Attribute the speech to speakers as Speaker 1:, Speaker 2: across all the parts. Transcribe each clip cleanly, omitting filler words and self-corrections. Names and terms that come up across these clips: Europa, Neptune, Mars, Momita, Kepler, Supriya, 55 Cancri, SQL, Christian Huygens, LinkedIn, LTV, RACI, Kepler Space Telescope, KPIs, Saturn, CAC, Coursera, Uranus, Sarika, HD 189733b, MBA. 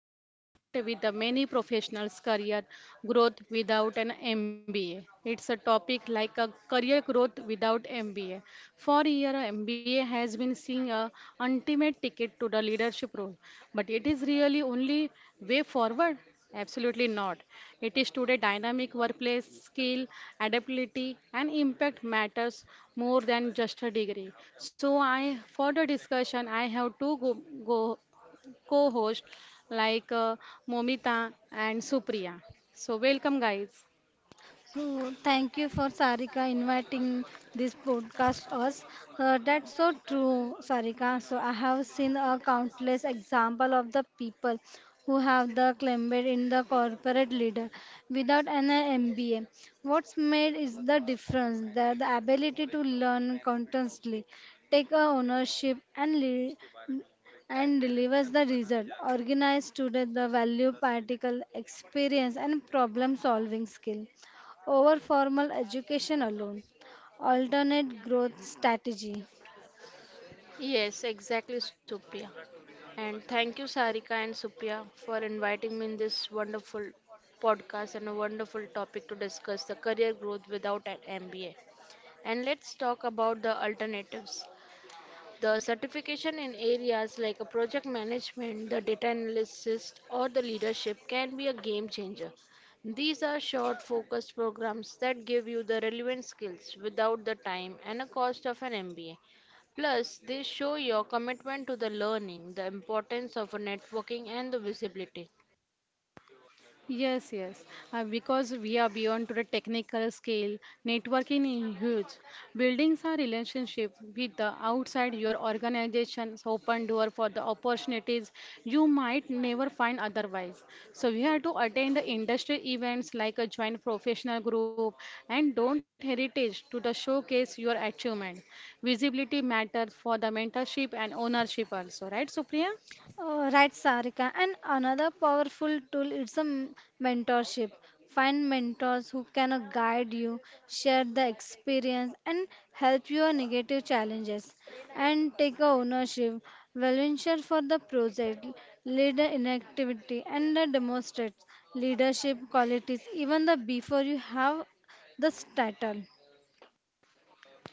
Speaker 1: with the reinvent with the many professionals career growth without an MBA. It's a topic like a career growth without MBA. For year MBA has been seeing a ultimate ticket to the leadership role, but it is really only way forward. Absolutely not. It is today dynamic workplace skill, adaptability, and impact matters more than just a degree. So, I for the discussion, I have two go, co-hosts like uh, Momita and Supriya. So, welcome, guys.
Speaker 2: So thank you for Sarika inviting this podcast us. That's so true, Sarika. So I have seen a countless example of the people who have the claimed in the corporate leader without an MBA. What's made is the difference that the ability to learn constantly, take a ownership and lead and delivers the result. Organize student the value particle experience and problem solving skill over formal education alone. Alternate growth strategy.
Speaker 3: Yes, exactly, Supriya. And thank you, Sarika and Supriya, for inviting me in this wonderful podcast and a wonderful topic to discuss the career growth without an MBA. And let's talk about the alternatives. The certification in areas like a project management, the data analysis, or the leadership can be a game changer. These are short, focused programs that give you the relevant skills without the time and a cost of an MBA. Plus, they show your commitment to the learning, the importance of a networking, and the visibility.
Speaker 1: Yes, yes. Because we are beyond to the technical scale, networking is huge. Buildings are relationship with the outside your organization's open door for the opportunities you might never find otherwise. So we have to attend the industry events like a joint professional group and don't heritage to the showcase your achievement. Visibility matters for the mentorship and ownership also, right, Supriya?
Speaker 2: Right, Sarika. And another powerful tool is a mentorship. Find mentors who can guide you, share the experience, and help your negative challenges. And take a ownership, volunteer for the project, lead in activity, and demonstrate leadership qualities even the before you have the title.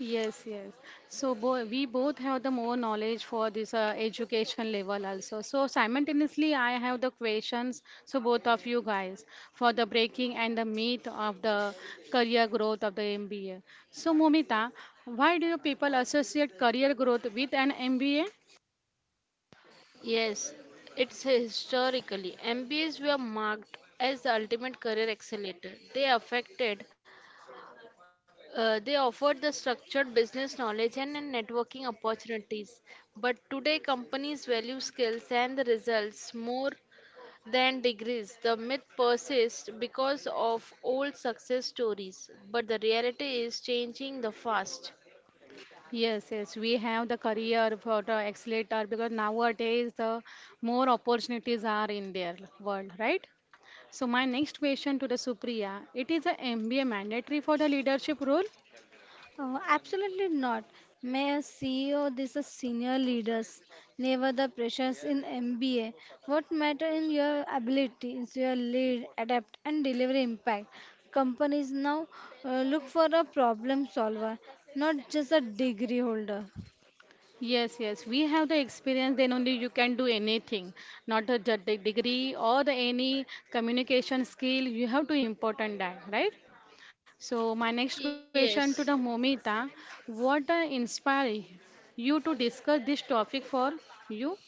Speaker 1: Yes, yes. So bo we both have the more knowledge for this education level also. So simultaneously, I have the questions. So both of you guys for the breaking and the meat of the career growth of the MBA. So Momita, why do you people associate career growth with an MBA?
Speaker 3: Yes, it's historically. MBAs were marked as the ultimate career accelerator. They offered the structured business knowledge and networking opportunities. But today, companies value skills and the results more than degrees. The myth persists because of old success stories, but the reality is changing the fast.
Speaker 1: Yes, yes, we have the career for the accelerator because nowadays the more opportunities are in their world, right? So my next question to the Supriya, it is a MBA mandatory for the leadership role?
Speaker 2: Absolutely not. Mayor, CEO, these are senior leaders. Never the pressures in MBA. What matter in your ability is your lead, adapt, and deliver impact. Companies now look for a problem solver, not just a degree holder.
Speaker 1: Yes, yes, we have the experience, then only you can do anything, not a the degree or the any communication skill, you have to important that, right? So my next
Speaker 3: Yes.
Speaker 1: question to the Momita, what inspired you to discuss this topic for you?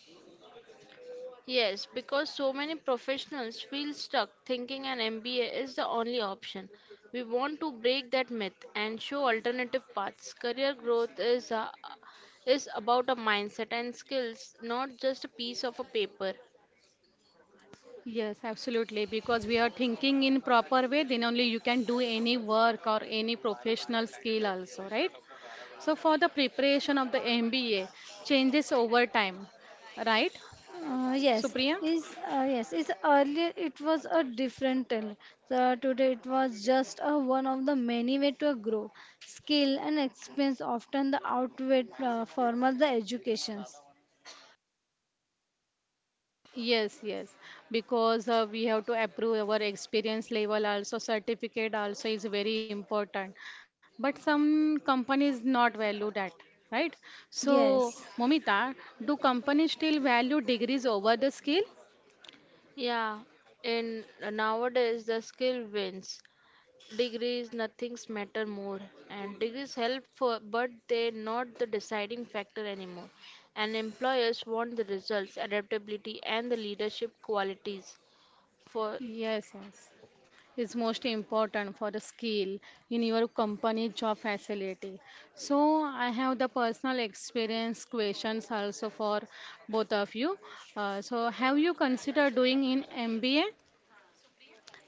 Speaker 3: Yes, because so many professionals feel stuck thinking an MBA is the only option. We want to break that myth and show alternative paths. Career growth is about a mindset and skills, not just a piece of a paper.
Speaker 1: Yes, absolutely. Because we are thinking in proper way, then only you can do any work or any professional skill also, right? So for the preparation of the MBA changes over time, right,
Speaker 2: Uh, yes,
Speaker 1: Supriya?
Speaker 2: yes, is earlier it was a different tale. So today it was just a one of the many way to grow. Skill and experience often the outweigh formal the educations.
Speaker 1: Yes, yes, because we have to approve our experience level also, certificate also is very important. But some companies not value that, right? So,
Speaker 2: Yes,
Speaker 1: Momita, do companies still value degrees over the skill?
Speaker 3: Yeah, in nowadays the skill wins. Degrees, nothing's matter more, and degrees help, but they're not the deciding factor anymore. And employers want the results, adaptability, and the leadership qualities. For
Speaker 1: Yes, yes. Is most important for the skill in your company job facility. So I have the personal experience questions also for both of you. So have you considered doing in MBA?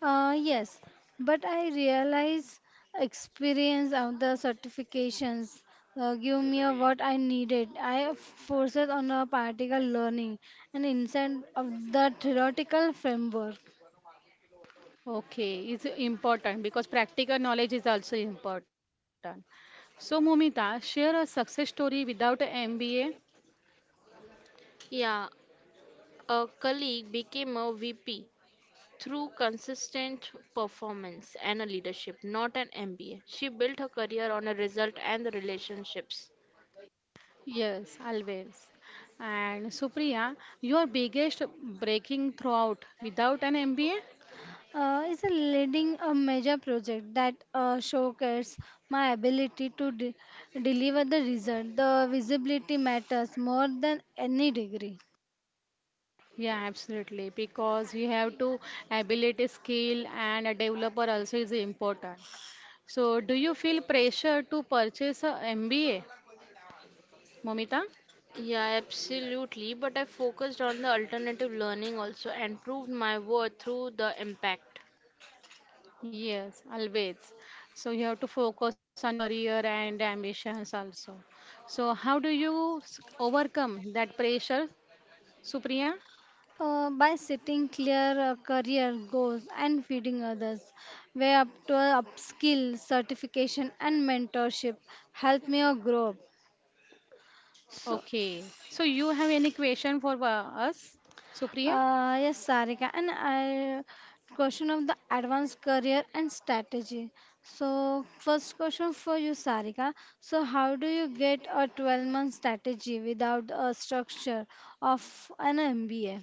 Speaker 2: yes, but I realize experience of the certifications give me a what I needed. I forces on a particle learning and inside of the theoretical framework.
Speaker 1: Okay, it's important because practical knowledge is also important. So Momita, share a success story without a MBA.
Speaker 3: yeah, a colleague became a VP through consistent performance and a leadership, not an MBA. She built her career on a result and the relationships.
Speaker 1: Yes, always. And Supriya, your biggest breaking throughout without an MBA?
Speaker 2: Is a leading a major project that showcases my ability to deliver the result. The visibility matters more than any degree.
Speaker 1: Yeah, absolutely. Because you have to ability, skill, and a developer also is important. So, do you feel pressure to purchase a MBA, Momita?
Speaker 3: Yeah, absolutely. But I focused on the alternative learning also and proved my worth through the impact.
Speaker 1: Yes, always. So you have to focus on your career and ambitions also. So how do you overcome that pressure, Supriya?
Speaker 2: By setting clear career goals and feeding others, way up to upskill, certification, and mentorship help me grow up. So
Speaker 1: Okay. So you have any question for us, Supriya?
Speaker 2: Yes, Sarika, and I question of the advanced career and strategy. So, first question for you, Sarika. So, how do you get a 12-month strategy without a structure of an MBA?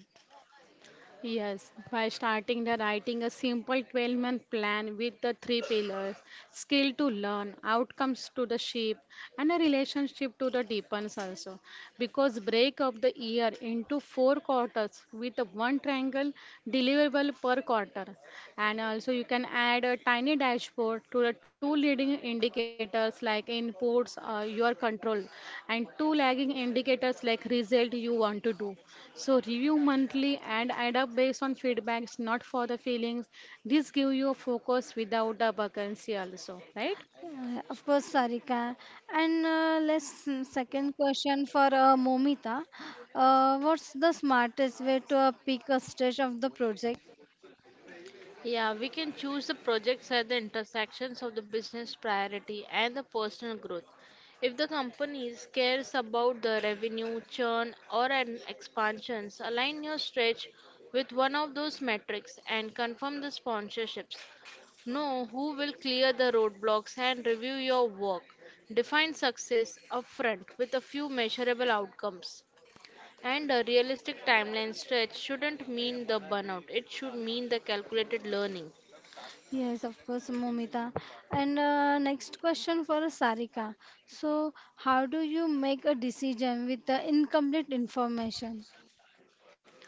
Speaker 1: Yes, by starting the writing a simple 12-month plan with the three pillars skill to learn, outcomes to the shape, and a relationship to the deepens also. Because break up the year into four quarters with a one triangle deliverable per quarter, and also so you can add a tiny dashboard to the two leading indicators like inputs, your control, and two lagging indicators like result you want to do. So review monthly and add up based on feedbacks, not for the feelings. This give you a focus without a vacancy also, right?
Speaker 2: Of course, Sarika. And let's second question for Momita. What's the smartest way to pick a stage of the project.
Speaker 3: Yeah, we can choose the projects at the intersections of the business priority and the personal growth. If the company cares about the revenue, churn, or an expansions, align your stretch with one of those metrics and confirm the sponsorships. Know who will clear the roadblocks and review your work. Define success upfront with a few measurable outcomes. And a realistic timeline stretch shouldn't mean the burnout, it should mean the calculated learning.
Speaker 2: Yes, of course, Momita. And next question for Sarika. So, how do you make a decision with the incomplete information?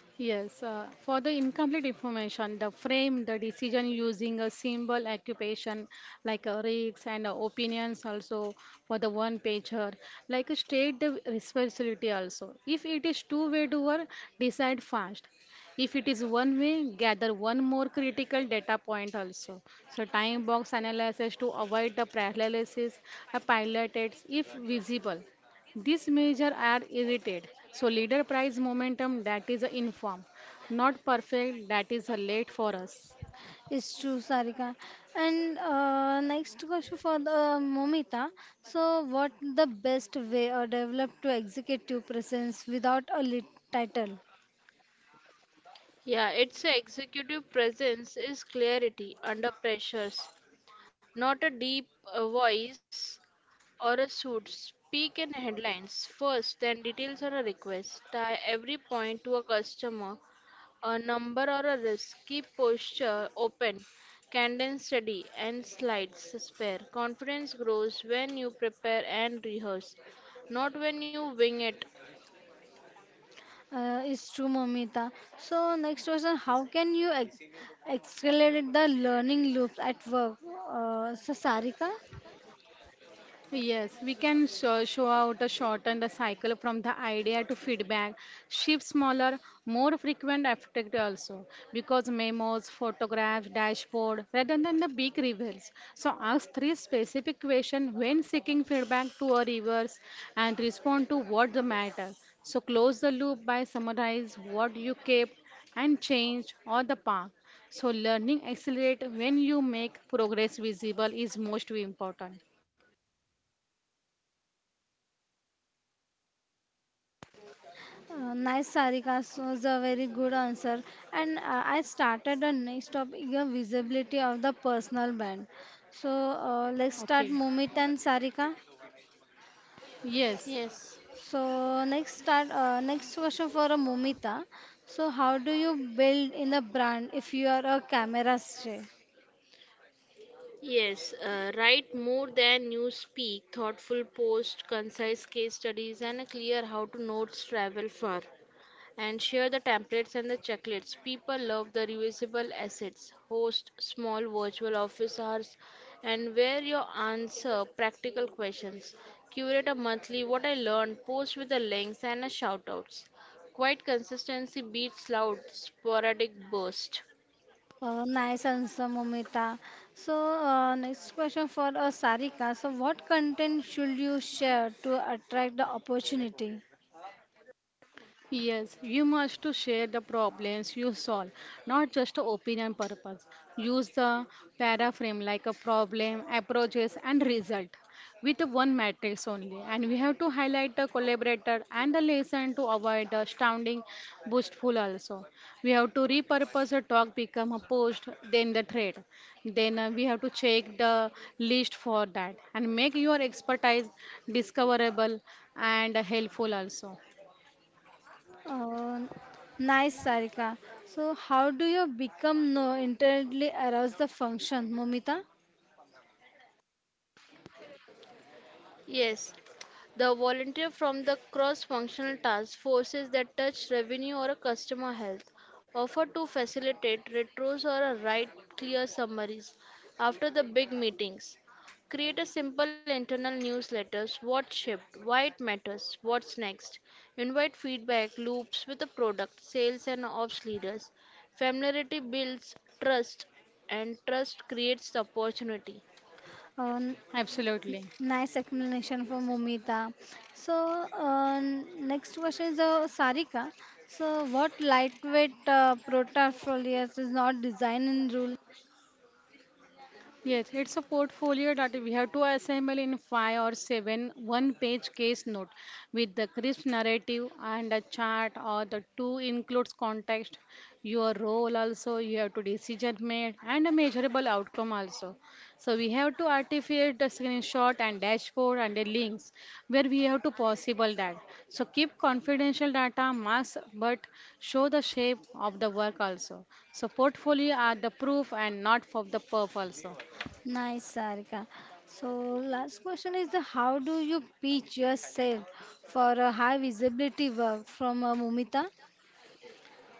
Speaker 1: Yes, for the incomplete information, the frame, the decision using a symbol occupation like a rigs and opinions also for the one pager, like a state the responsibility also. If it is two-way doer, decide fast. If it is one way, gather one more critical data point also. So time box analysis to avoid the paralysis, a pilot it's if visible. These measures are irritated. So leader price momentum that is a inform. Not perfect that is a late for us.
Speaker 2: It's true, Sarika. And next question for the Momita. So, what the best way or develop to executive presence without a lit title?
Speaker 3: Yeah, it's a executive presence is clarity under pressures, not a deep voice or a suit. Speak in headlines first, then details or a request. Tie every point to a customer a number or a risk. Keep posture open, cadence steady, and slides spare. Confidence grows when you prepare and rehearse, not when you wing it.
Speaker 2: It's true, Momita. So, next question, how can you ex accelerate the learning loops at work? Sarika?
Speaker 1: Yes, we can show out a shorten the cycle from the idea to feedback, shift smaller, more frequent effect also because memos, photographs, dashboard rather than the big reveals. So ask three specific questions when seeking feedback to a reverse and respond to what the matter. So close the loop by summarize what you kept and changed or the path. So learning accelerate when you make progress visible is most important.
Speaker 2: Nice, Sarika. So it's a very good answer. And I started a next topic, visibility of the personal brand. So let's
Speaker 1: Okay.
Speaker 2: start Momita and Sarika.
Speaker 1: Yes.
Speaker 3: Yes.
Speaker 2: So next start next question for Momita. So how do you build in a brand if you are a camera shy?
Speaker 3: Yes, write more than you speak, thoughtful post, concise case studies, and a clear how to notes travel far. And share the templates and the checklists. People love the reusable assets, host small virtual office hours, and where you answer practical questions. Curate a monthly what I learned, post with the links and the shoutouts. Quite consistency beats loud sporadic burst.
Speaker 2: Nice answer, Momita. So next question for Sarika. So what content should you share to attract the opportunity?
Speaker 1: Yes, you must to share the problems you solve, not just opinion purpose. Use the paraframe like a problem, approaches and result with one matrix only. And we have to highlight the collaborator and the lesson to avoid the astounding boastful also. We have to repurpose a talk become a post, then the thread. Then we have to check the list for that and make your expertise discoverable and helpful also.
Speaker 2: Uh, Nice, Sarika. So, how do you become no internally arouse the function, Momita?
Speaker 3: Yes, the volunteer from the cross-functional task forces that touch revenue or a customer health offer to facilitate retros or a write clear summaries after the big meetings. Create a simple internal newsletters, what shipped, why it matters, what's next. Invite feedback loops with the product, sales and ops leaders. Familiarity builds trust and trust creates opportunity.
Speaker 2: Uh,
Speaker 1: Absolutely.
Speaker 2: Nice explanation for Momita. So, next question is Sarika. So, what lightweight protopholias is not designed in rule?
Speaker 1: Yes, it's a portfolio that we have to assemble in five or seven one page case note with the crisp narrative and a chart or the two includes context, your role also, you have to decision made and a measurable outcome also. So we have to articulate the screenshot and dashboard and the links where we have to possible that. So keep confidential data mass but show the shape of the work also. So portfolio are the proof and not for the perf also.
Speaker 2: Nice, Sarika. So, last question is the how do you pitch yourself for a high visibility work from Momita?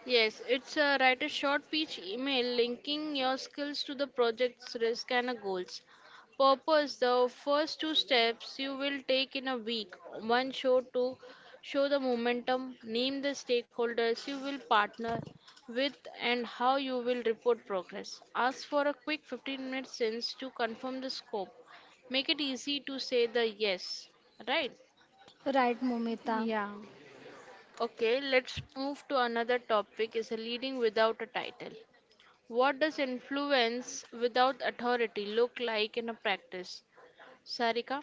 Speaker 3: Yes, it's write a short pitch email linking your skills to the project's risk and goals. Purpose the first two steps you will take in a week. One show to show the momentum, name the stakeholders you will partner with, and how you will report progress. Ask for a quick 15-minute sense to confirm the scope. Make it easy to say the yes, right?
Speaker 2: Right, Momita.
Speaker 1: Yeah.
Speaker 3: Okay, let's move to another topic is a leading without a title. What does influence without authority look like in a practice? Sarika?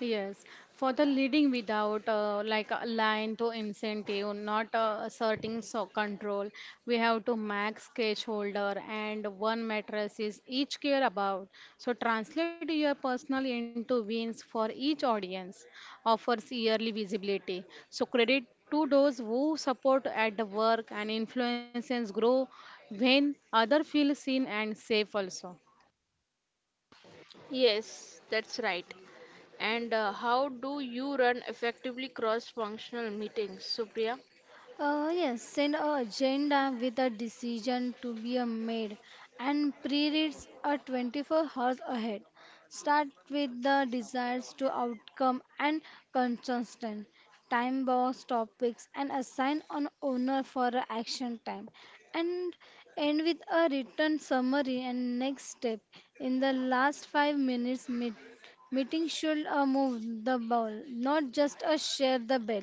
Speaker 1: Yes, for the leading without like a line to incentive, not asserting so control, we have to max cage holder and one mattress is each care about. So translate your personal into wins for each audience, offers yearly visibility. So credit to those who support at the work and influences grow when other feel seen and safe also.
Speaker 3: Yes, that's right. And how do you run effectively cross functional meetings, Supriya?
Speaker 2: Yes, send a agenda with a decision to be made and pre-reads a 24 hours ahead. Start with the desires to outcome and consistent time box topics and assign an owner for a action time and end with a written summary and next step in the last 5 minutes meeting should move the ball not just a share the bell.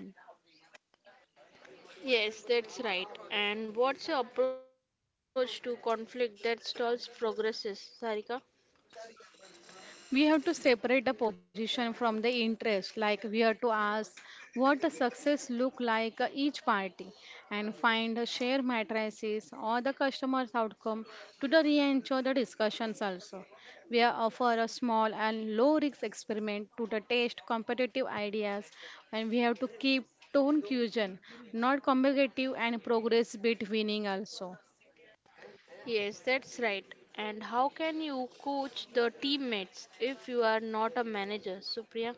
Speaker 3: Yes, that's right. And what's your approach to conflict that stalls progresses, Sarika?
Speaker 1: We have to separate the position from the interest like we have to ask what the success look like each party and find a share matrices or the customer's outcome to the re-ensure the discussions also we are offer a small and low risk experiment to the test competitive ideas and we have to keep tone fusion not combative and progress bit winning also.
Speaker 3: Yes, that's right. And how can you coach the teammates if you are not a manager, Supriya?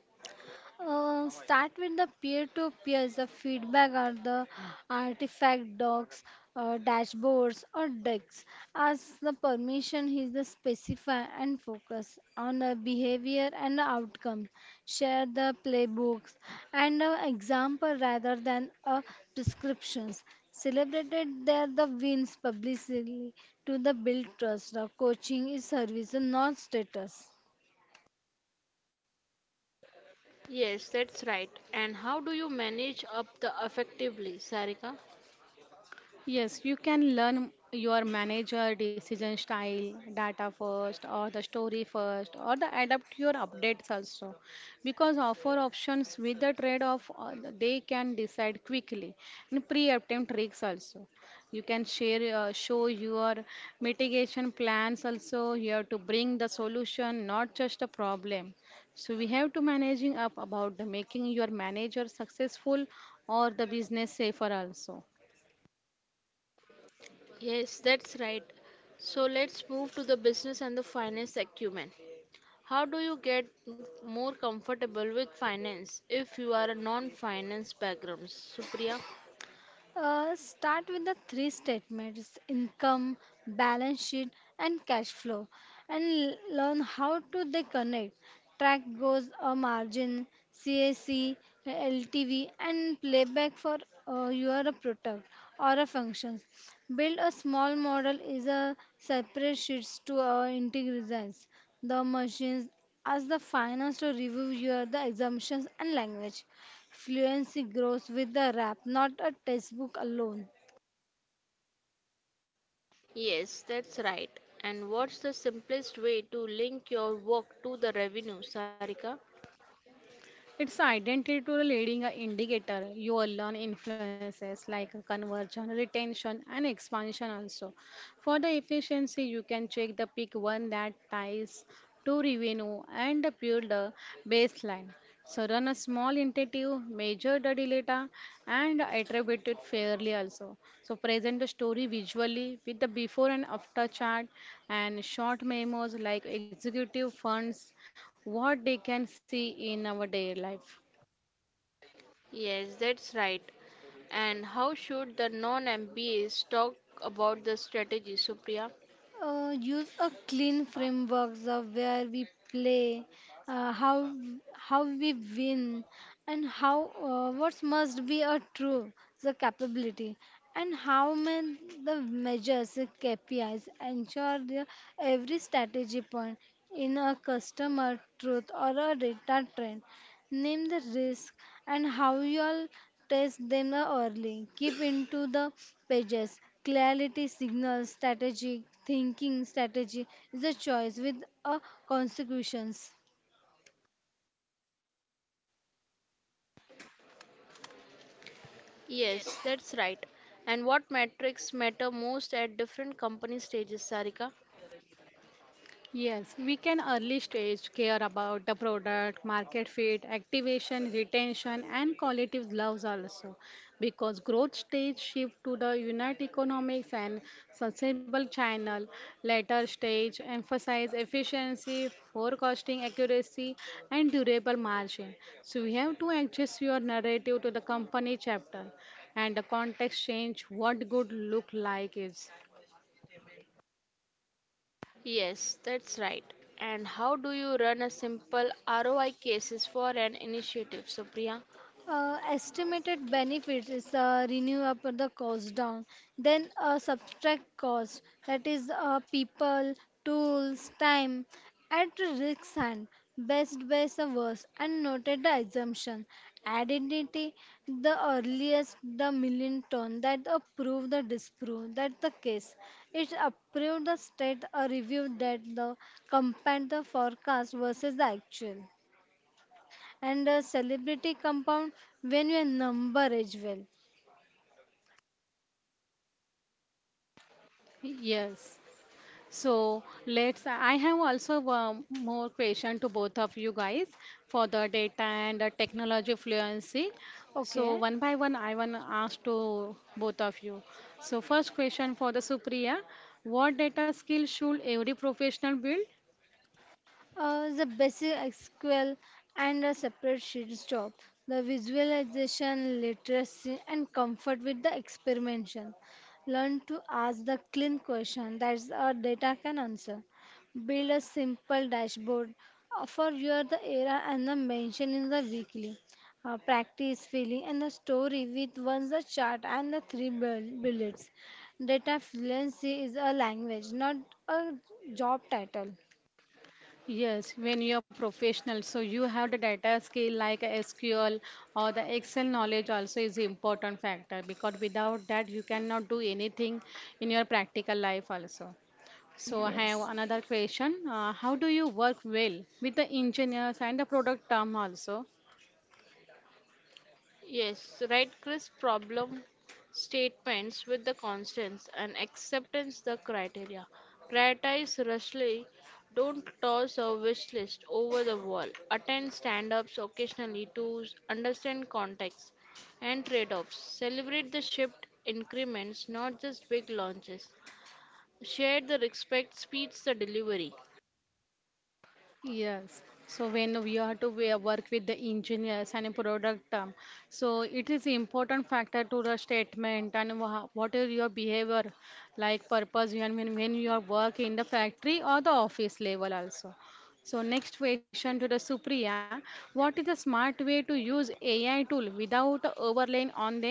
Speaker 2: Start with the peer-to-peer, the feedback or the artifact docs, dashboards or decks. As the permission is the specify and focus on the behavior and the outcome. Share the playbooks and the example rather than prescriptions. Celebrated there the wins publicly to the build trust. The coaching is service, not status.
Speaker 3: Yes, that's right. And how do you manage up the effectively, Sarika?
Speaker 1: Yes, you can learn your manager decision style, data first, or the story first, or the adapt your updates also. Because offer options with the trade off, they can decide quickly. And pre attempt risks also. You can share, show your mitigation plans also. You have to bring the solution, not just a problem. So we have to managing up about the making your manager successful or the business safer also.
Speaker 3: Yes, that's right. So let's move to the business and the finance acumen. How do you get more comfortable with finance if you are a non-finance background, Supriya?
Speaker 2: Start with the three statements income, balance sheet, and cash flow, and learn how to they connect. Track goals, a margin, CAC, LTV, and playback for your product or a function. Build a small model is a separate sheets to integrate results. The machines ask the finance to review your the assumptions and language. Fluency grows with the rap, not a textbook alone.
Speaker 3: Yes, that's right. And what's the simplest way to link your work to the revenue, Sarika?
Speaker 1: It's identity to the leading a indicator. You will learn influences like conversion, retention, and expansion also. For the efficiency, you can check the pick one that ties to revenue and the pure the baseline. So run a small initiative, measure the data, and attribute it fairly also. So present the story visually with the before and after chart and short memos like executive funds, what they can see in our daily life.
Speaker 3: Yes, that's right. And how should the non-MBAs talk about the strategy, Supriya?
Speaker 2: Use a clean framework of where we play, uh, how how we win, and how what must be a true the capability, and how may the measures the KPIs ensure the, every strategy point in a customer truth or a data trend. Name the risk and how you'll test them early. Keep into the pages. Clarity signals, strategic thinking strategy is a choice with a consequences.
Speaker 3: Yes, that's right. And what metrics matter most at different company stages, Sarika?
Speaker 1: Yes, we can early stage care about the product, market fit, activation, retention, and quality loves also because growth stage shift to the unit economics and sustainable channel. Later stage emphasize efficiency, forecasting accuracy, and durable margin. So we have to adjust your narrative to the company chapter and the context change what good look like is.
Speaker 3: Yes, that's right. And how do you run a simple ROI cases for an initiative, Supriya?
Speaker 2: Estimated benefits is renew up the cost down. Then subtract cost that is people, tools, time at risk hand best the worst and noted the assumption identity the earliest the million ton that approve the disprove that the case it approved the state a review that the compare the forecast versus the actual and a celebrity compound when your number is well.
Speaker 1: Yes. So let's. I have also more question to both of you guys for the data and the technology fluency. So
Speaker 2: Okay.
Speaker 1: one by one, I want to ask to both of you. So first question for the Supriya: What data skill should every professional build?
Speaker 2: The basic SQL and a separate sheets job, the visualization, literacy, and comfort with the experimentation. Learn to ask the clean question that our data can answer. Build a simple dashboard for your the era and the mention in the weekly. Practice filling and the story with once the chart and the three bullets. Data fluency is a language, not a job title.
Speaker 1: Yes, when you are professional, so you have the data skill like SQL or the Excel knowledge also is important factor because without that you cannot do anything in your practical life also. So I have
Speaker 2: Yes.
Speaker 1: another question. How do you work well with the engineers and the product team also?
Speaker 3: Yes, write crisp problem statements with the constants and acceptance the criteria. Prioritize rushly. Don't toss a wish list over the wall. Attend stand ups occasionally to understand context and trade offs. Celebrate the shipped increments, not just big launches. Share the respect speeds the delivery.
Speaker 1: Yes. So when we have to we work with the engineers and product team, so it is important factor to the statement and what is your behavior, like purpose when you are work in the factory or the office level also. So next question to the Supriya, what is the smart way to use AI tool without overlaying on them?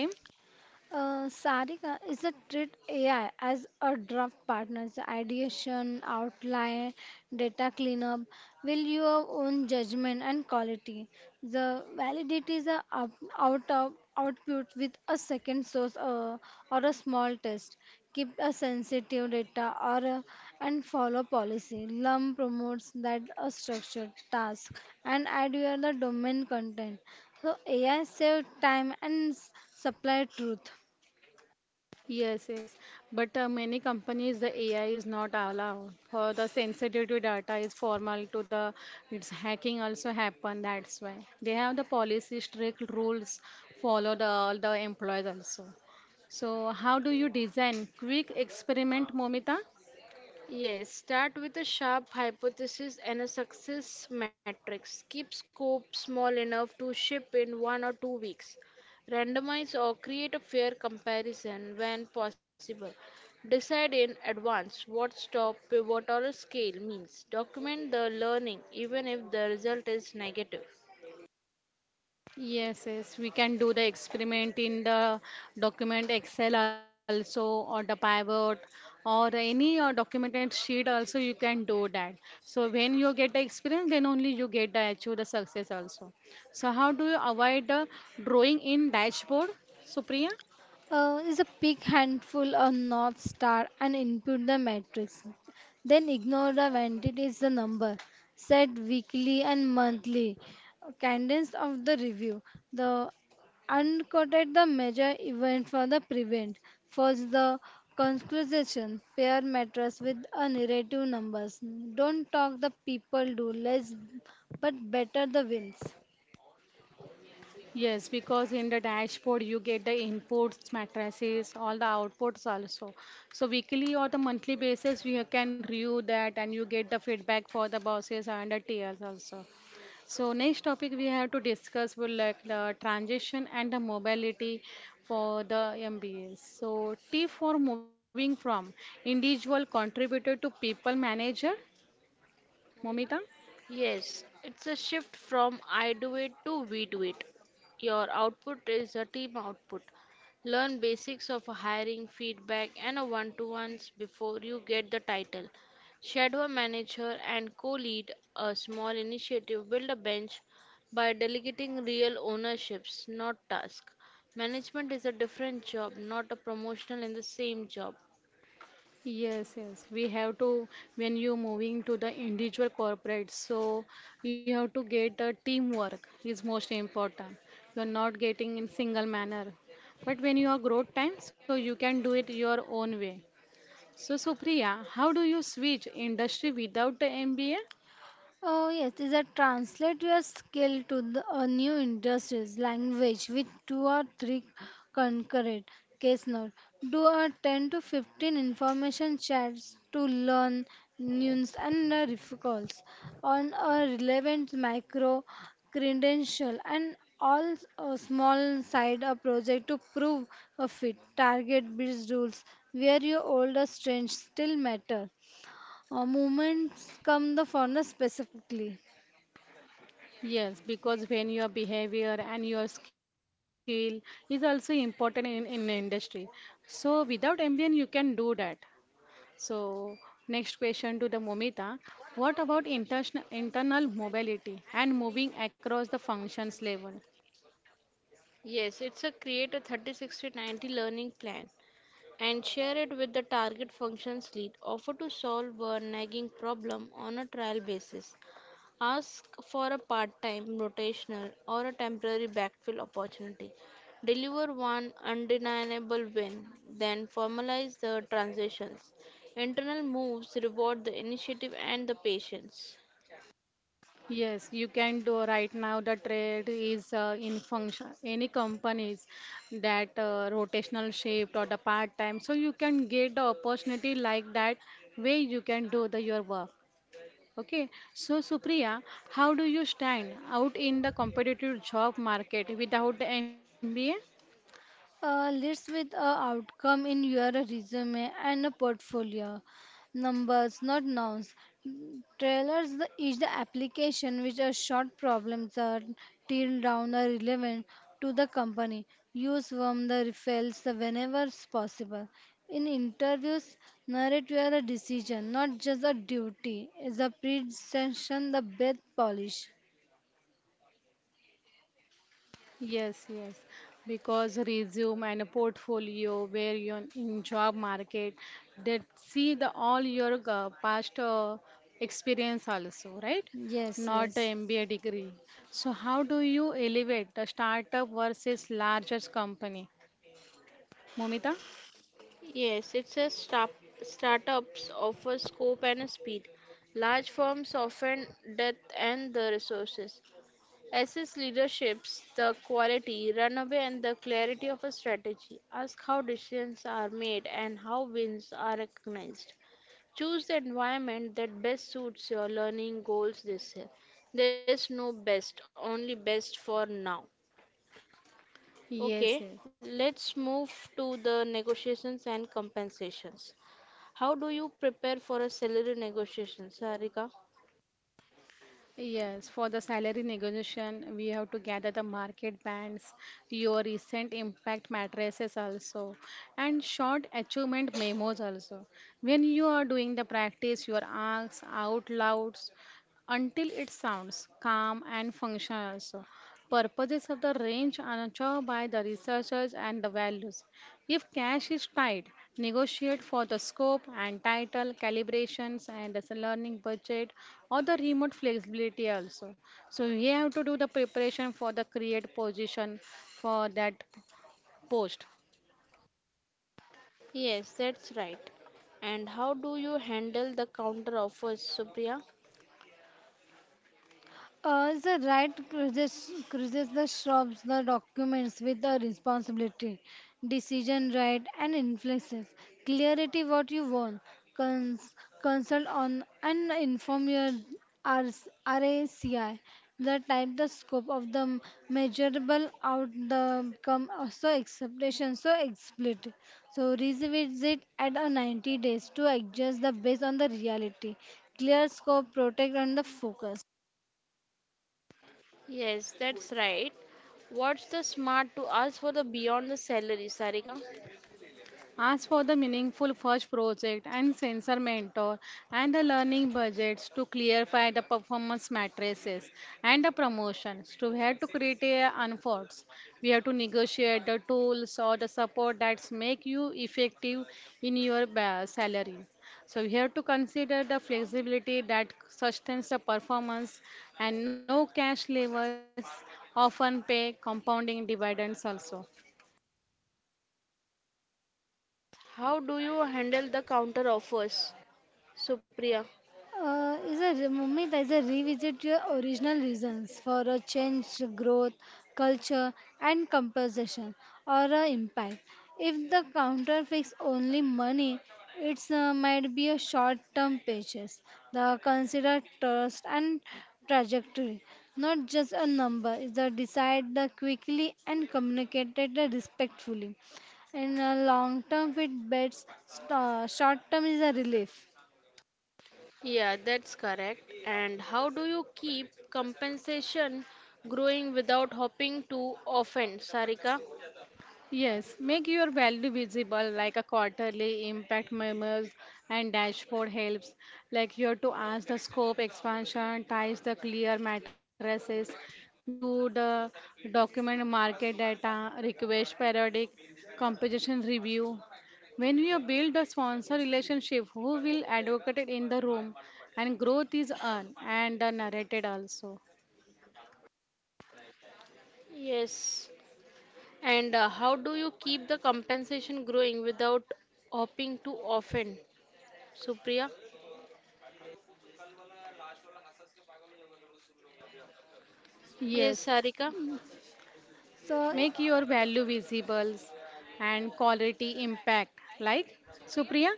Speaker 2: Sarika is a treat AI as a draft partner, so ideation, outline, data cleanup, will your own judgment and quality. The validity is a up, out of output with a second source or a small test. Keep a sensitive data or a, and follow policy. LUM promotes that a structured task and add your the domain content. So AI save time and supply truth.
Speaker 1: Yes, yes. But many companies, the AI is not allowed for the sensitive data is formal to the its hacking also happen. That's why they have the policy strict rules followed all the employees also. So how do you design quick experiment, Momita?
Speaker 3: Yes, start with a sharp hypothesis and a success matrix. Keep scope small enough to ship in 1 or 2 weeks. Randomize or create a fair comparison when possible. Decide in advance what stop, pivot, or a scale means. Document the learning even if the result is negative.
Speaker 1: Yes, yes, we can do the experiment in the document Excel also or the pivot or any documented sheet also you can do that. So when you get the experience, then only you get the achieve the success also. So how do you avoid the drawing in dashboard, Supriya?
Speaker 2: Is a big handful of north star and input the matrix. Then ignore the when it is the number. Set weekly and monthly cadence of the review. The unquoted the major event for the prevent. First the conclusion pair matters with a narrative numbers. Don't talk the people do less but better the wins.
Speaker 1: Yes, because in the dashboard you get the inputs, matrices, all the outputs also. So weekly or the monthly basis you can review that and you get the feedback for the bosses and the TLs also. So next topic we have to discuss will like the transition and the mobility for the MBAs. So T for moving from individual contributor to people manager, Momita.
Speaker 3: Yes, it's a shift from I do it to we do it. Your output is a team output. Learn basics of hiring, feedback, and a one-to-ones before you get the title. Shadow a manager and co-lead a small initiative. Build a bench by delegating real ownerships, not tasks. Management is a different job, not a promotional in the same job.
Speaker 1: Yes. We have to, when you moving to the individual corporate, so you have to get a teamwork is most important. You're not getting in single manner. But when you are growth time, so you can do it your own way. So Supriya, how do you switch industry without the MBA?
Speaker 2: Oh yes, is that translate your skill to the, a new industries language with two or three concurrent case note. Do a 10 to 15 information chats to learn news and recalls on a relevant micro credential and all a small side a project to prove a fit target based rules where your older strengths still matter moments come the furnace specifically.
Speaker 1: Yes, because when your behavior and your skill is also important in industry. So without MBA, you can do that. So, next question to the Momita. What about international internal mobility and moving across the functions level?
Speaker 3: Yes, it's a create a 30-60-90 learning plan. And share it with the target functions lead. Offer to solve a nagging problem on a trial basis. Ask for a part time, rotational, or a temporary backfill opportunity. Deliver one undeniable win, then formalize the transitions. Internal moves reward the initiative and the patience.
Speaker 1: Yes, you can do right now. The trade is in function, any companies that rotational shift or the part time. So you can get the opportunity like that where you can do the your work. Okay. So Supriya, how do you stand out in the competitive job market without the MBA?
Speaker 2: List with a outcome in your resume and a portfolio. Numbers, not nouns. Mm, Trailers the, is the application which are short problems are till down are relevant to the company. Use from the referrals whenever is possible. In interviews, narrate your decision, not just a duty. Is a presentation the best polish.
Speaker 1: Yes, because resume and a portfolio where you're in job market that see the all your past experience also, right?
Speaker 2: Yes, yes.
Speaker 1: Not the MBA degree. So how do you elevate the startup versus largest company? Momita?
Speaker 3: Yes, it says startups offer scope and speed. Large firms often depth and the resources. Assess leadership's the quality, runaway and the clarity of a strategy. Ask how decisions are made and how wins are recognized. Choose the environment that best suits your learning goals this year. There's no best, only best for now.
Speaker 1: Yes,
Speaker 3: Okay,
Speaker 1: yes.
Speaker 3: let's move to the negotiations and compensations. How do you prepare for a salary negotiation, Sarika?
Speaker 1: Yes, for the salary negotiation, we have to gather the market bands, your recent impact matrices also, and short achievement memos also. When you are doing the practice, you are asked out loud until it sounds calm and functional also. Purposes of the range are chose by the researchers and the values. If cash is tight, negotiate for the scope and title, calibrations and the learning budget or the remote flexibility also. So you have to do the preparation for the create position for that post.
Speaker 3: Yes, that's right. And how do you handle the counter offers, Supriya?
Speaker 2: The right cruises the shrubs, the documents with the responsibility, decision right, and influences. Clarity what you want, cons- consult on and inform your RS RACI. The type, the scope of the measurable out the come also acceptation so explicit. So revisit at a 90 days to adjust the based on the reality. Clear scope, protect and the focus.
Speaker 3: Yes, that's right. What's the smart to ask for the beyond the salary, Sarika?
Speaker 1: As for the meaningful first project and sensor mentor and the learning budgets to clarify the performance matrices and the promotions to we have to create a unforts. We have to negotiate the tools or the support that make you effective in your salary. So we have to consider the flexibility that sustains the performance and no cash levers often pay compounding dividends also.
Speaker 3: How do you handle the counter offers, Supriya?
Speaker 2: Mummy, there's a revisit your original reasons for a change, growth, culture, and composition or a impact. If the counter fix only money, it's might be a short-term purchase. The consider trust and trajectory, not just a number. Is the decide the quickly and communicated the respectfully. In a long-term, it bets. Short-term is a relief.
Speaker 3: Yeah, that's correct. And how do you keep compensation growing without hopping to offense, Sarika?
Speaker 1: Yes, make your value visible like a quarterly impact memos and dashboard helps. Like you have to ask the scope expansion, ties the clear matrices. We have to do the document market data, request periodic, composition review. When you build a sponsor relationship, who will advocate it in the room and growth is earned and narrated also.
Speaker 3: Yes, And how do you keep the compensation growing without hopping to offense, Supriya? Yes,
Speaker 1: Yes,
Speaker 3: Sarika.
Speaker 2: So
Speaker 1: make your value visible and quality impact. Like Supriya?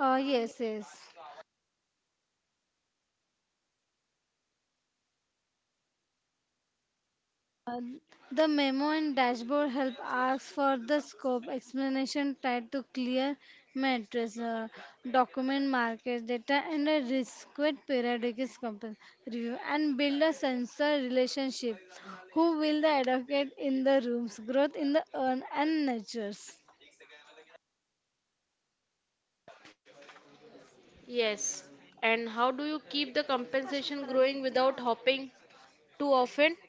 Speaker 2: Yes. The memo and dashboard help asks for the scope explanation tied to clear matrix, document market data, and a risk periodic is review, and build a sensor relationship. Who will the advocate in the rooms, growth in the earn and nurtures.
Speaker 3: Yes. And how do you keep the compensation growing without hopping too often?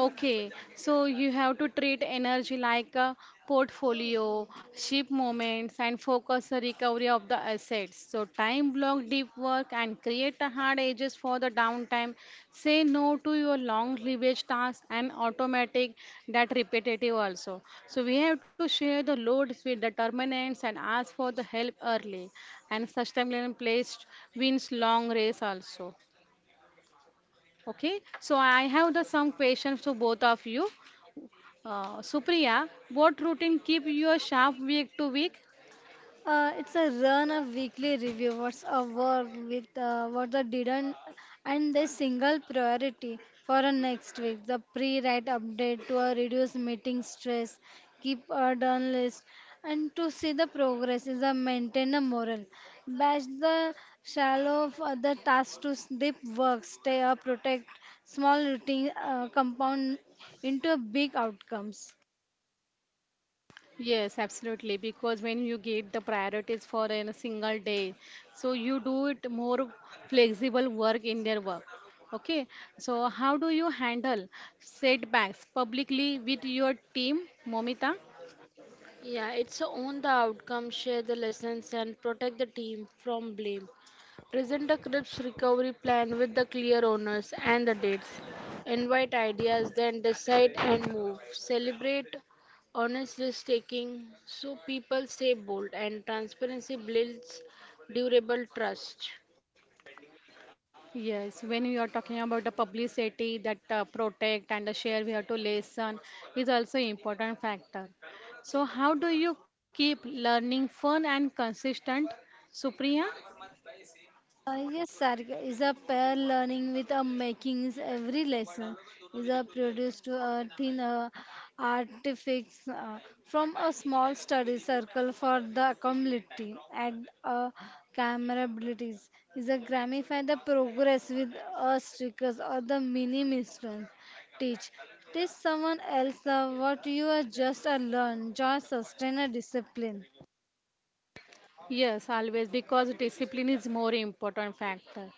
Speaker 1: Okay, so you have to treat energy like a portfolio, ship moments, and focus the recovery of the assets. So, time block deep work and create a hard edges for the downtime. Say no to your long leverage tasks and automatic that repetitive also. So, we have to share the loads with determinants and ask for the help early. And sustainable placed wins long race also. Okay, so I have the some questions to both of you. Supriya, what routine keep you sharp week to week?
Speaker 2: It's a run a weekly review. What's a work with what the didn't and the single priority for a next week. The pre-write update to reduce meeting stress, keep a done list, and to see the progress is a maintain a moral. Batch the shallow of other tasks to deep work. Stay up, protect small routine compound into a big outcomes.
Speaker 1: Yes, absolutely. Because when you get the priorities for in a single day, so you do it more flexible work in their work. Okay, so how do you handle setbacks publicly with your team, Momita?
Speaker 3: Yeah, it's a own the outcome, share the lessons, and protect the team from blame. Present the CRIPS recovery plan with the clear owners and the dates. Invite ideas, then decide and move. Celebrate honest risk taking so people stay bold and transparency builds durable trust.
Speaker 1: Yes, when we are talking about the publicity that protect and the share, we have to listen is also important factor. So how do you keep learning fun and consistent, Supriya?
Speaker 2: Uh, yes, sir, is a pair learning with a makings every lesson is a produced to a thin artifacts from a small study circle for the community and camera abilities is a gramify the progress with a stickers or the mini mistress teach teach someone else what you are just a learn just sustain a discipline.
Speaker 1: Yes, always because discipline is more important factor.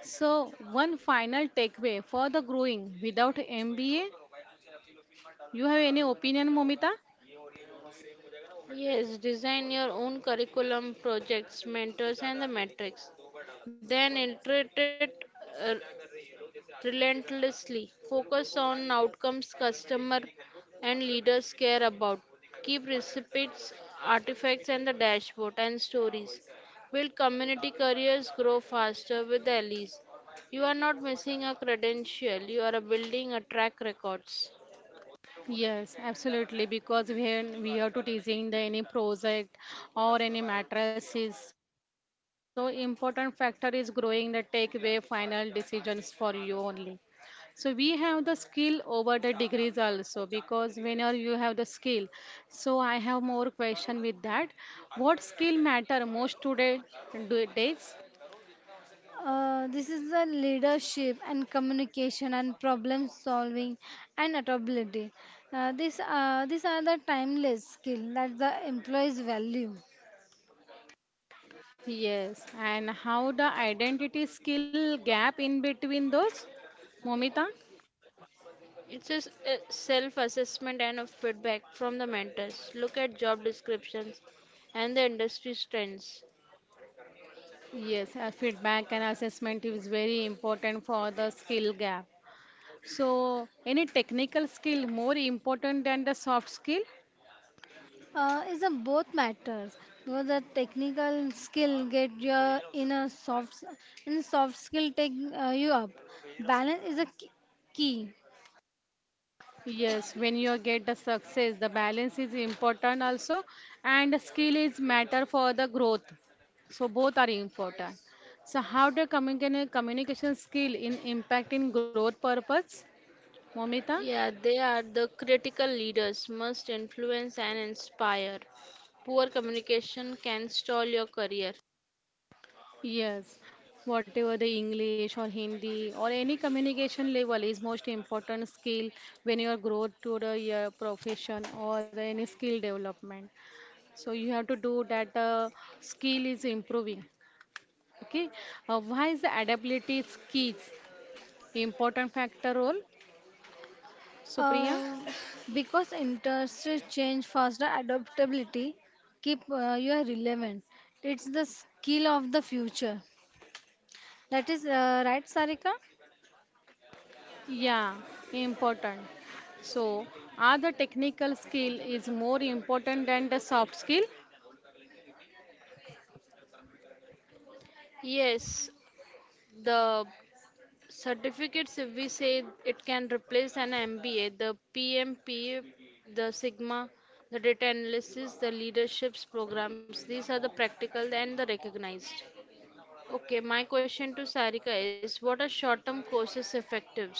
Speaker 1: So one final takeaway for the growing without MBA, you have any opinion, Momita?
Speaker 3: Yes, design your own curriculum, projects, mentors, and the metrics. Then iterate it uh, relentlessly. Focus on outcomes customer and leaders care about. Keep receipts, artifacts, and the dashboard and stories. Build community careers grow faster with the allies. You are not missing a credential, you are building a track records.
Speaker 1: Yes, absolutely. Because when we are to teasing the any project or any matters is so important factor is growing the takeaway final decisions for you only. So we have the skill over the degrees also because whenever you have the skill. So I have more question with that. What skill matter most today days?
Speaker 2: This is the leadership and communication and problem solving and adaptability. These are the timeless skill that the employees value.
Speaker 1: Yes, and how the identity skill gap in between those, Momita?
Speaker 3: It's a self assessment and a feedback from the mentors. Look at job descriptions and the industry trends.
Speaker 1: Yes, feedback and assessment is very important for the skill gap. So, any technical skill more important than the soft skill?
Speaker 2: Is a both matters because the technical skill get your inner soft and soft skill take you up. Balance is a key.
Speaker 1: Yes, when you get the success, the balance is important also, and the skill is matter for the growth. So both are important. So how do communication skill in impact in growth purpose, Momita?
Speaker 3: Yeah, they are the critical leaders, must influence and inspire. Poor communication can stall your career.
Speaker 1: Yes, whatever the English or Hindi or any communication level is most important skill when you are grow to the your profession or the, any skill development. So you have to do that skill is improving. Okay, why is the adaptability skills important factor role, Supriya?
Speaker 2: Um, because industries change faster, adaptability keep you are relevant. It's the skill of the future. That is right, Sarika.
Speaker 1: Yeah, important. So are the technical skill is more important than the soft skill?
Speaker 3: Yes, the certificates, if we say it can replace an MBA, the PMP, the Sigma, the data analysis, the leaderships programs, these are the practical and the recognized. Okay, my question to Sarika is what are short term courses effective?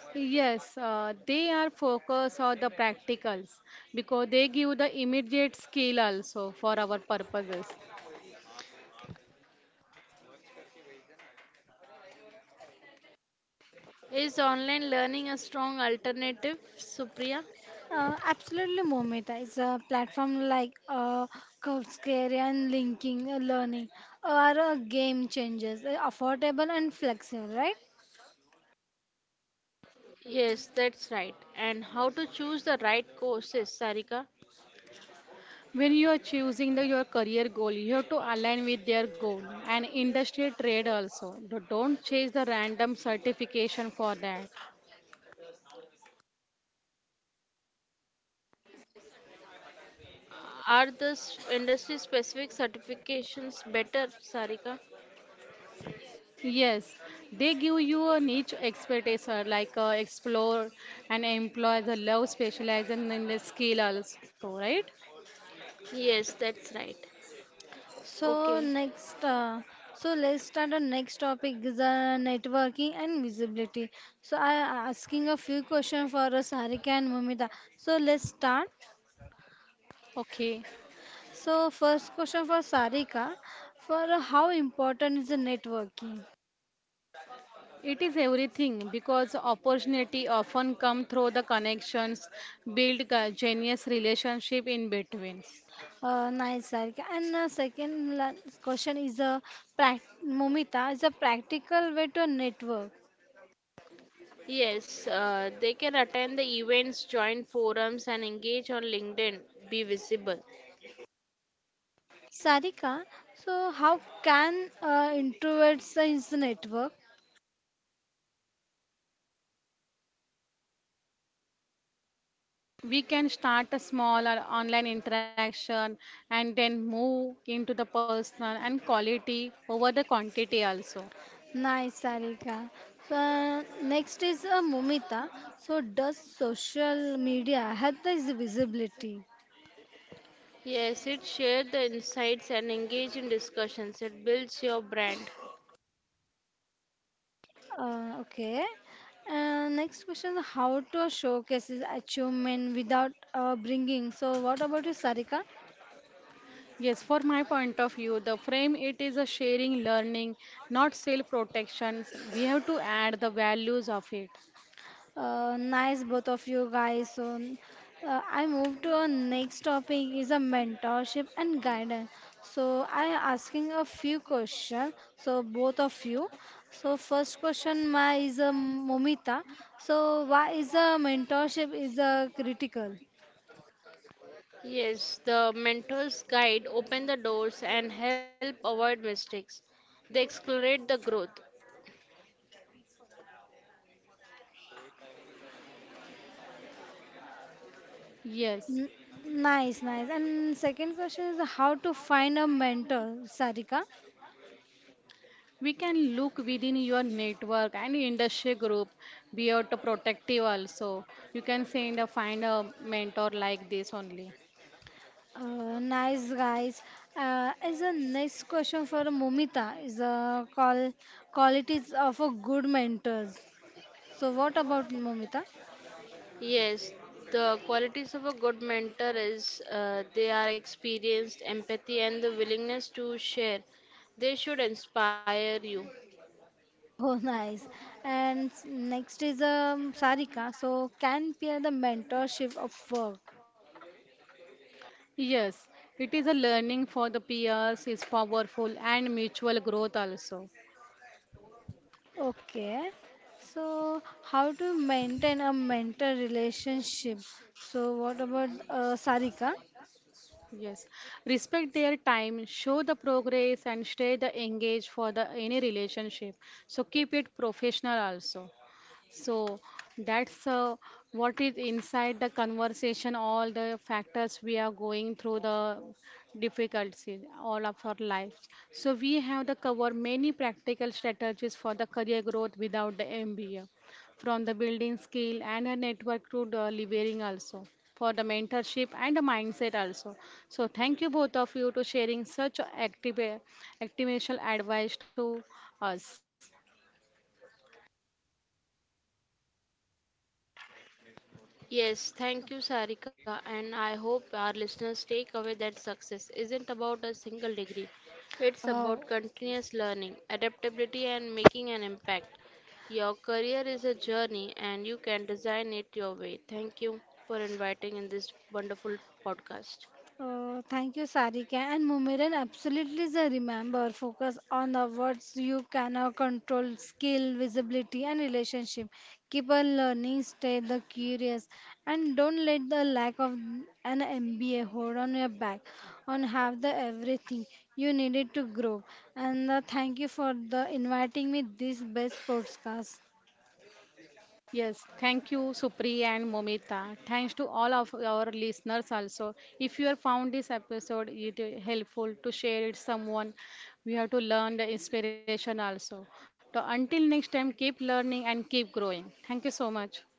Speaker 1: Yes, they are focused on the practicals because they give the immediate skill also for our purposes.
Speaker 3: Is online learning a strong alternative, Supriya?
Speaker 2: Absolutely, Momita. It's a platform like Coursera and LinkedIn learning are game changers, affordable and flexible, right?
Speaker 3: Yes, that's right. And how to choose the right courses, Sarika?
Speaker 1: When you are choosing the, your career goal, you have to align with their goal and industry trade also. Don't chase the random certification for that.
Speaker 3: Are the industry specific certifications better, Sarika?
Speaker 1: Yes, they give you a niche expertise like explore and employ the love specialization in the skill also, right?
Speaker 3: Yes, that's right. Okay.
Speaker 2: So next, so let's start our next topic is networking and visibility. So I asking a few questions for Sarika and Mumita. So let's start.
Speaker 1: Okay.
Speaker 2: So first question for Sarika, for how important is the networking?
Speaker 1: It is everything because opportunity often come through the connections, build genius relationship in between.
Speaker 2: Nice, Sarika. And second question is a prac Mumita is a practical way to network.
Speaker 3: Yes, they can attend the events, join forums, and engage on LinkedIn. Be visible.
Speaker 2: Sarika, so how can introverts use the network?
Speaker 1: We can start a small or online interaction and then move into the personal and quality over the quantity also.
Speaker 2: Nice, Sarika. So, next is Mumita. So, does social media help this visibility?
Speaker 3: Yes, it shares the insights and engage in discussions. It builds your brand.
Speaker 2: Okay. Next question: How to showcase his achievement without bringing? So, what about you, Sarika?
Speaker 1: Yes, for my point of view, the frame it is a sharing, learning, not self protections. We have to add the values of it.
Speaker 2: Nice both of you guys. So I move to our next topic is a mentorship and guidance. So I asking a few question. So both of you. So first question my is a Momita. So why is a mentorship is a critical?
Speaker 3: Yes, the mentor's guide open the doors and help avoid mistakes. They accelerate the growth.
Speaker 1: Yes.
Speaker 2: N- Nice, nice. And second question is how to find a mentor, Sarika.
Speaker 1: We can look within your network and industry group, be out protective also. You can send a find a mentor like this only.
Speaker 2: Nice guys. As a next question for Momita is qualities of a good mentors. So what about Momita?
Speaker 3: Yes, the qualities of a good mentor is they are experienced, empathy, and the willingness to share. They should inspire you.
Speaker 2: Oh, nice. And next is Sarika. So can peer the mentorship of work.
Speaker 1: Yes, it is a learning for the peers, is powerful and mutual growth also.
Speaker 2: Okay. So how to maintain a mentor relationship? So what about Sarika?
Speaker 1: Yes, respect their time, show the progress and stay the engaged for the any relationship. So keep it professional also. So that's what is inside the conversation, all the factors we are going through the difficulties all of our life. So we have the cover many practical strategies for the career growth without the MBA, from the building skill and a network to the leveraging also for the mentorship and the mindset also. So thank you both of you to sharing such active, activational advice to us.
Speaker 3: Yes, thank you, Sarika, and I hope our listeners take away that success isn't about a single degree. It's about
Speaker 2: Oh.
Speaker 3: continuous learning, adaptability, and making an impact. Your career is a journey, and you can design it your way. Thank you for inviting in this wonderful podcast.
Speaker 2: Oh, thank you, Sarika. And Mumiran absolutely is remember. Focus on the words you cannot control, skill, visibility, and relationship. Keep on learning, stay the curious, and don't let the lack of an MBA hold on your back. On have the everything you needed to grow. And thank you for the inviting me this best podcast.
Speaker 1: Yes, thank you, Supri and Momita. Thanks to all of our listeners also. If you have found this episode it is helpful to share it someone, we have to learn the inspiration also. So until next time, keep learning and keep growing. Thank you so much.